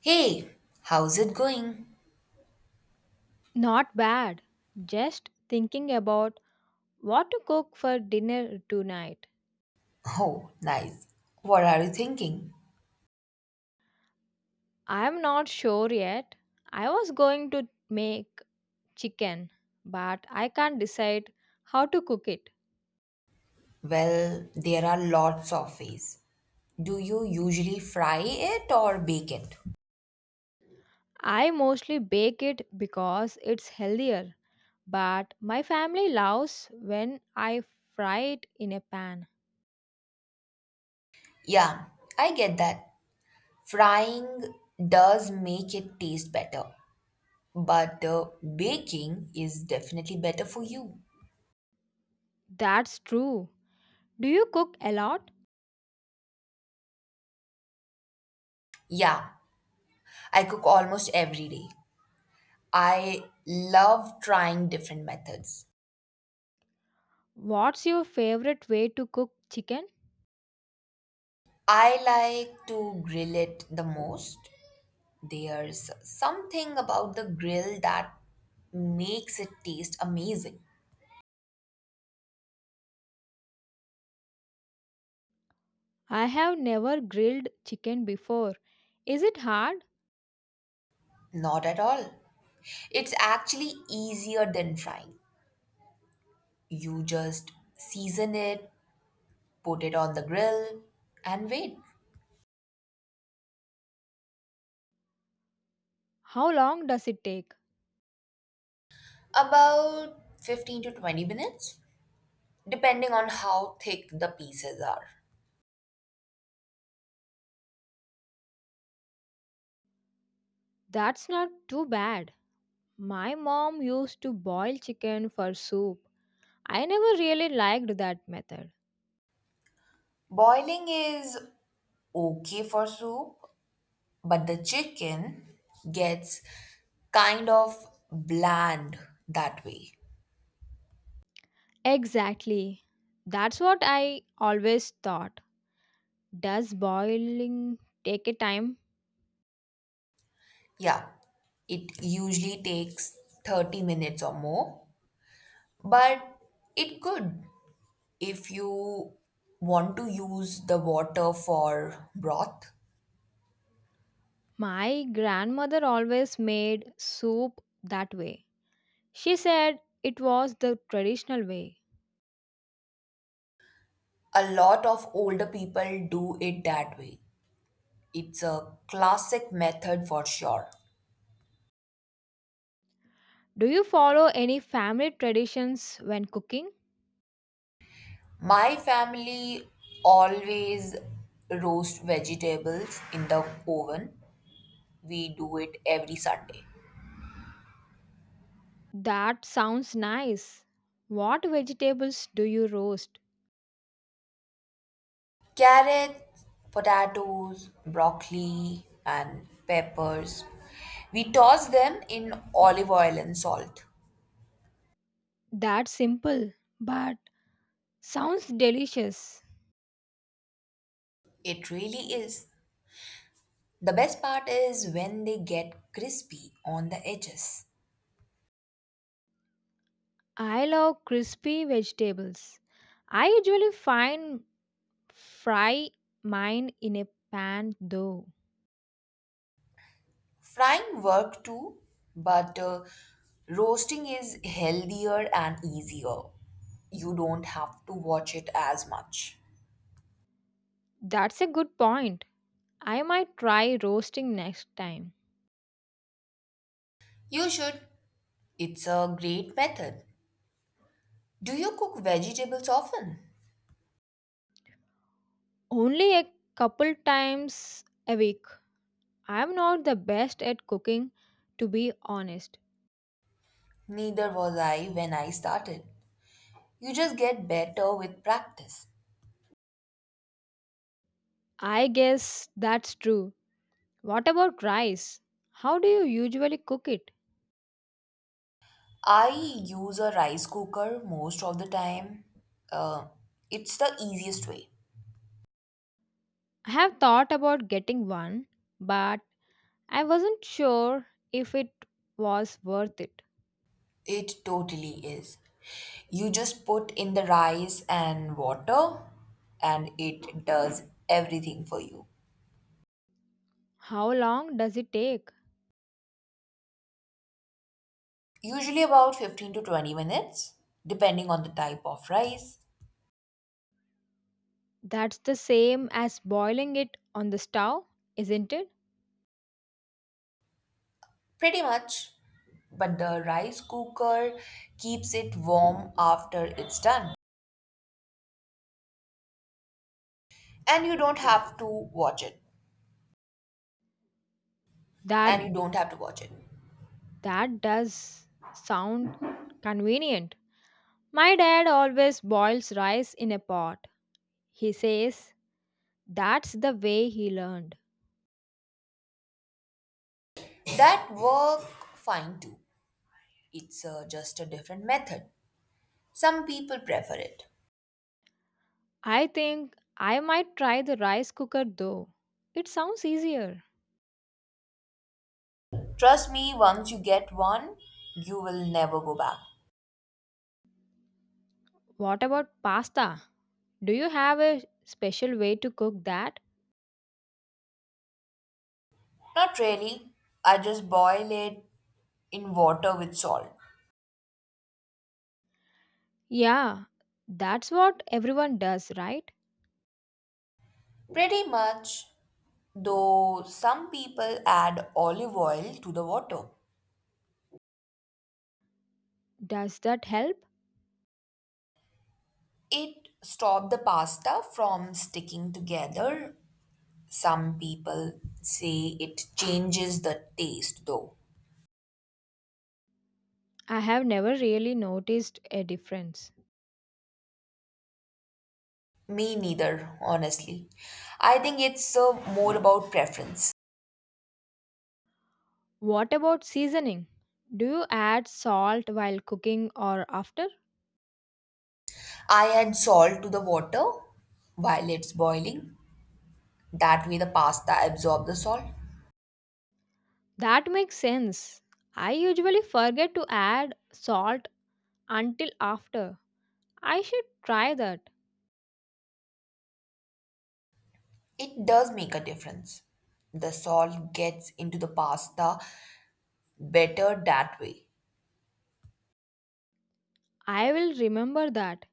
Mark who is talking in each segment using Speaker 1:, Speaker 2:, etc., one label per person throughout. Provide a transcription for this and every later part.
Speaker 1: Hey, how's it going?
Speaker 2: Not bad. Just thinking about what to cook for dinner tonight.
Speaker 1: Oh, nice. What are you thinking?
Speaker 2: I am not sure yet. I was going to make chicken, but I can't decide how to cook it.
Speaker 1: Well, there are lots of ways. Do you usually fry it or bake it?
Speaker 2: I mostly bake it because it's healthier, but my family loves when I fry it in a pan.
Speaker 1: Yeah, I get that. Frying does make it taste better, but baking is definitely better for you.
Speaker 2: That's true. Do you cook a lot?
Speaker 1: Yeah, I cook almost every day. I love trying different methods.
Speaker 2: What's your favorite way to cook chicken?
Speaker 1: I like to grill it the most. There's something about the grill that makes it taste amazing.
Speaker 2: I have never grilled chicken before. Is it hard?
Speaker 1: Not at all. It's actually easier than frying. You just season it, put it on the grill, and wait.
Speaker 2: How long does it take?
Speaker 1: About 15 to 20 minutes, depending on how thick the pieces are.
Speaker 2: That's not too bad. My mom used to boil chicken for soup. I never really liked that method.
Speaker 1: Boiling is okay for soup, but the chicken gets kind of bland that way.
Speaker 2: Exactly. That's what I always thought. Does boiling take a time?
Speaker 1: Yeah, it usually takes 30 minutes or more, but it could if you want to use the water for broth.
Speaker 2: My grandmother always made soup that way. She said it was the traditional way.
Speaker 1: A lot of older people do it that way. It's a classic method for sure.
Speaker 2: Do you follow any family traditions when cooking?
Speaker 1: My family always roast vegetables in the oven. We do it every Sunday.
Speaker 2: That sounds nice. What vegetables do you roast?
Speaker 1: Carrots, potatoes, broccoli, and peppers. We toss them in olive oil and salt.
Speaker 2: That's simple, but sounds delicious.
Speaker 1: It really is. The best part is when they get crispy on the edges.
Speaker 2: I love crispy vegetables. I usually find fry mine in a pan though.
Speaker 1: Frying work too, but roasting is healthier and easier. You don't have to watch it as much.
Speaker 2: That's a good point. I might try roasting next time.
Speaker 1: You should. It's a great method. Do you cook vegetables often?
Speaker 2: Only a couple times a week. I'm not the best at cooking, to be honest.
Speaker 1: Neither was I when I started. You just get better with practice.
Speaker 2: I guess that's true. What about rice? How do you usually cook it?
Speaker 1: I use a rice cooker most of the time. Uh, it's the easiest way.
Speaker 2: I have thought about getting one, but I wasn't sure if it was worth it.
Speaker 1: It totally is. You just put in the rice and water, and it does everything for you.
Speaker 2: How long does it take?
Speaker 1: Usually about 15 to 20 minutes, depending on the type of rice.
Speaker 2: That's the same as boiling it on the stove, isn't it?
Speaker 1: Pretty much. But the rice cooker keeps it warm after it's done, and you don't have to watch it and
Speaker 2: That
Speaker 1: you don't have to watch it
Speaker 2: that does sound convenient. My dad always boils rice in a pot. He says that's the way he learned.
Speaker 1: That work fine too. It's just a different method. Some people prefer it.
Speaker 2: I think I might try the rice cooker though. It sounds easier.
Speaker 1: Trust me, once you get one, you will never go back.
Speaker 2: What about pasta? Do you have a special way to cook that?
Speaker 1: Not really, I just boil it in water with salt.
Speaker 2: Yeah, that's what everyone does, right?
Speaker 1: Pretty much, though some people add olive oil to the water.
Speaker 2: Does that help?
Speaker 1: It stops the pasta from sticking together. Some people say it changes the taste, though.
Speaker 2: I have never really noticed a difference.
Speaker 1: Me neither, honestly. I think it's more about preference.
Speaker 2: What about seasoning? Do you add salt while cooking or after?
Speaker 1: I add salt to the water while it's boiling. That way, the pasta absorbs the salt.
Speaker 2: That makes sense. I usually forget to add salt until after. I should try that.
Speaker 1: It does make a difference. The salt gets into the pasta better that way.
Speaker 2: I will remember that.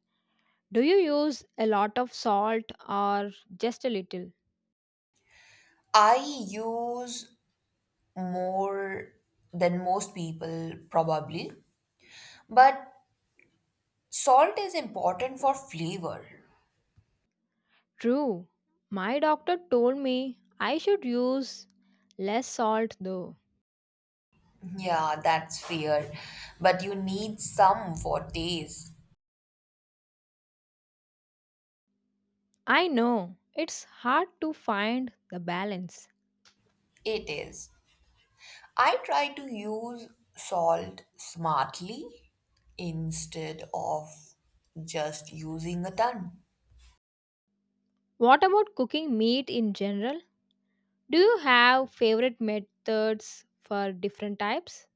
Speaker 2: Do you use a lot of salt or just a little?
Speaker 1: I use more than most people, probably, but salt is important for flavor.
Speaker 2: True. My doctor told me I should use less salt though.
Speaker 1: Yeah, that's fair. But you need some for days.
Speaker 2: I know it's hard to find the balance.
Speaker 1: It is. I try to use salt smartly instead of just using a ton.
Speaker 2: What about cooking meat in general? Do you have favorite methods for different types?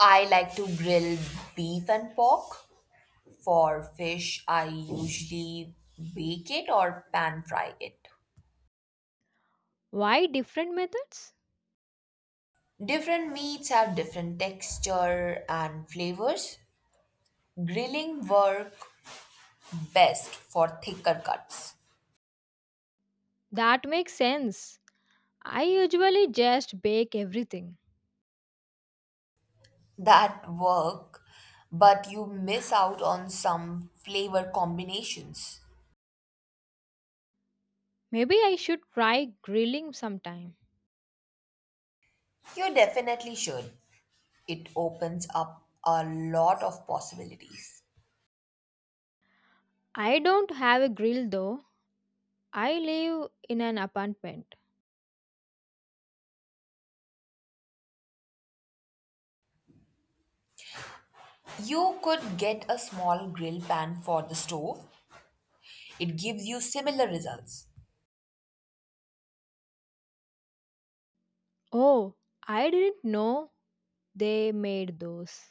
Speaker 1: I like to grill beef and pork. For fish, I usually bake it or pan fry it.
Speaker 2: Why different methods?
Speaker 1: Different meats have different texture and flavors. Grilling work best for thicker cuts.
Speaker 2: That makes sense. I usually just bake everything.
Speaker 1: That work, but you miss out on some flavor combinations.
Speaker 2: Maybe I should try grilling sometime.
Speaker 1: You definitely should. It opens up a lot of possibilities.
Speaker 2: I don't have a grill though. I live in an apartment.
Speaker 1: You could get a small grill pan for the stove. It gives you similar results.
Speaker 2: Oh, I didn't know they made those.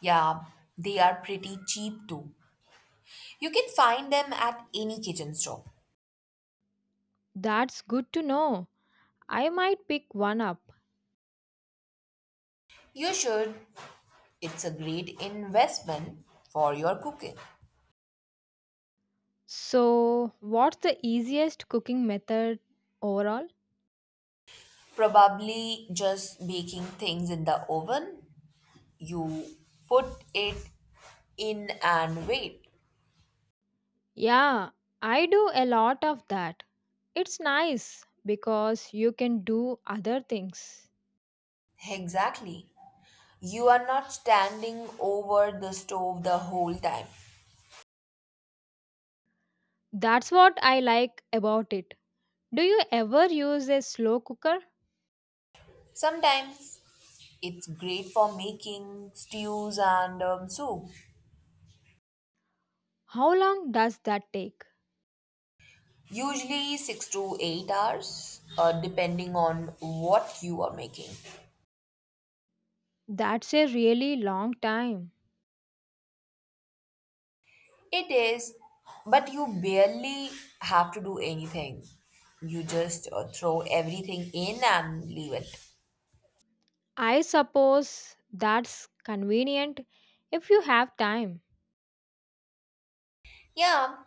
Speaker 1: Yeah, they are pretty cheap too. You can find them at any kitchen store.
Speaker 2: That's good to know. I might pick one up.
Speaker 1: You should. It's a great investment for your cooking.
Speaker 2: So, what's the easiest cooking method overall?
Speaker 1: Probably just baking things in the oven. You put it in and wait.
Speaker 2: Yeah, I do a lot of that. It's nice because you can do other things.
Speaker 1: Exactly. You are not standing over the stove the whole time.
Speaker 2: That's what I like about it. Do you ever use a slow cooker?
Speaker 1: Sometimes it's great for making stews and soup.
Speaker 2: How long does that take?
Speaker 1: Usually 6 to 8 hours, depending on what you are making.
Speaker 2: That's a really long time.
Speaker 1: It is, but you barely have to do anything. You just throw everything in and leave it.
Speaker 2: I suppose that's convenient if you have time.
Speaker 1: Yeah,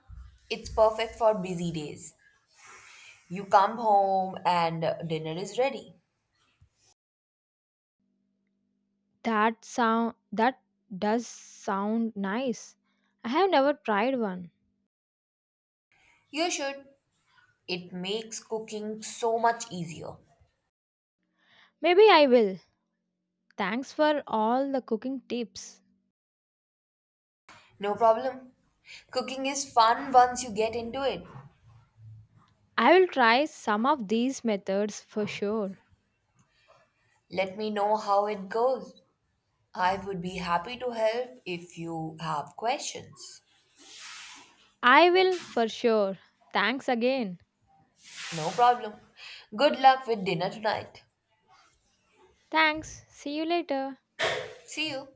Speaker 1: it's perfect for busy days. You come home and dinner is ready.
Speaker 2: That does sound nice. I have never tried one.
Speaker 1: You should. It makes cooking so much easier.
Speaker 2: Maybe I will. Thanks for all the cooking tips.
Speaker 1: No problem. Cooking is fun once you get into it.
Speaker 2: I will try some of these methods for sure.
Speaker 1: Let me know how it goes. I would be happy to help if you have questions.
Speaker 2: I will for sure. Thanks again.
Speaker 1: No problem. Good luck with dinner tonight.
Speaker 2: Thanks. See you later.
Speaker 1: See you.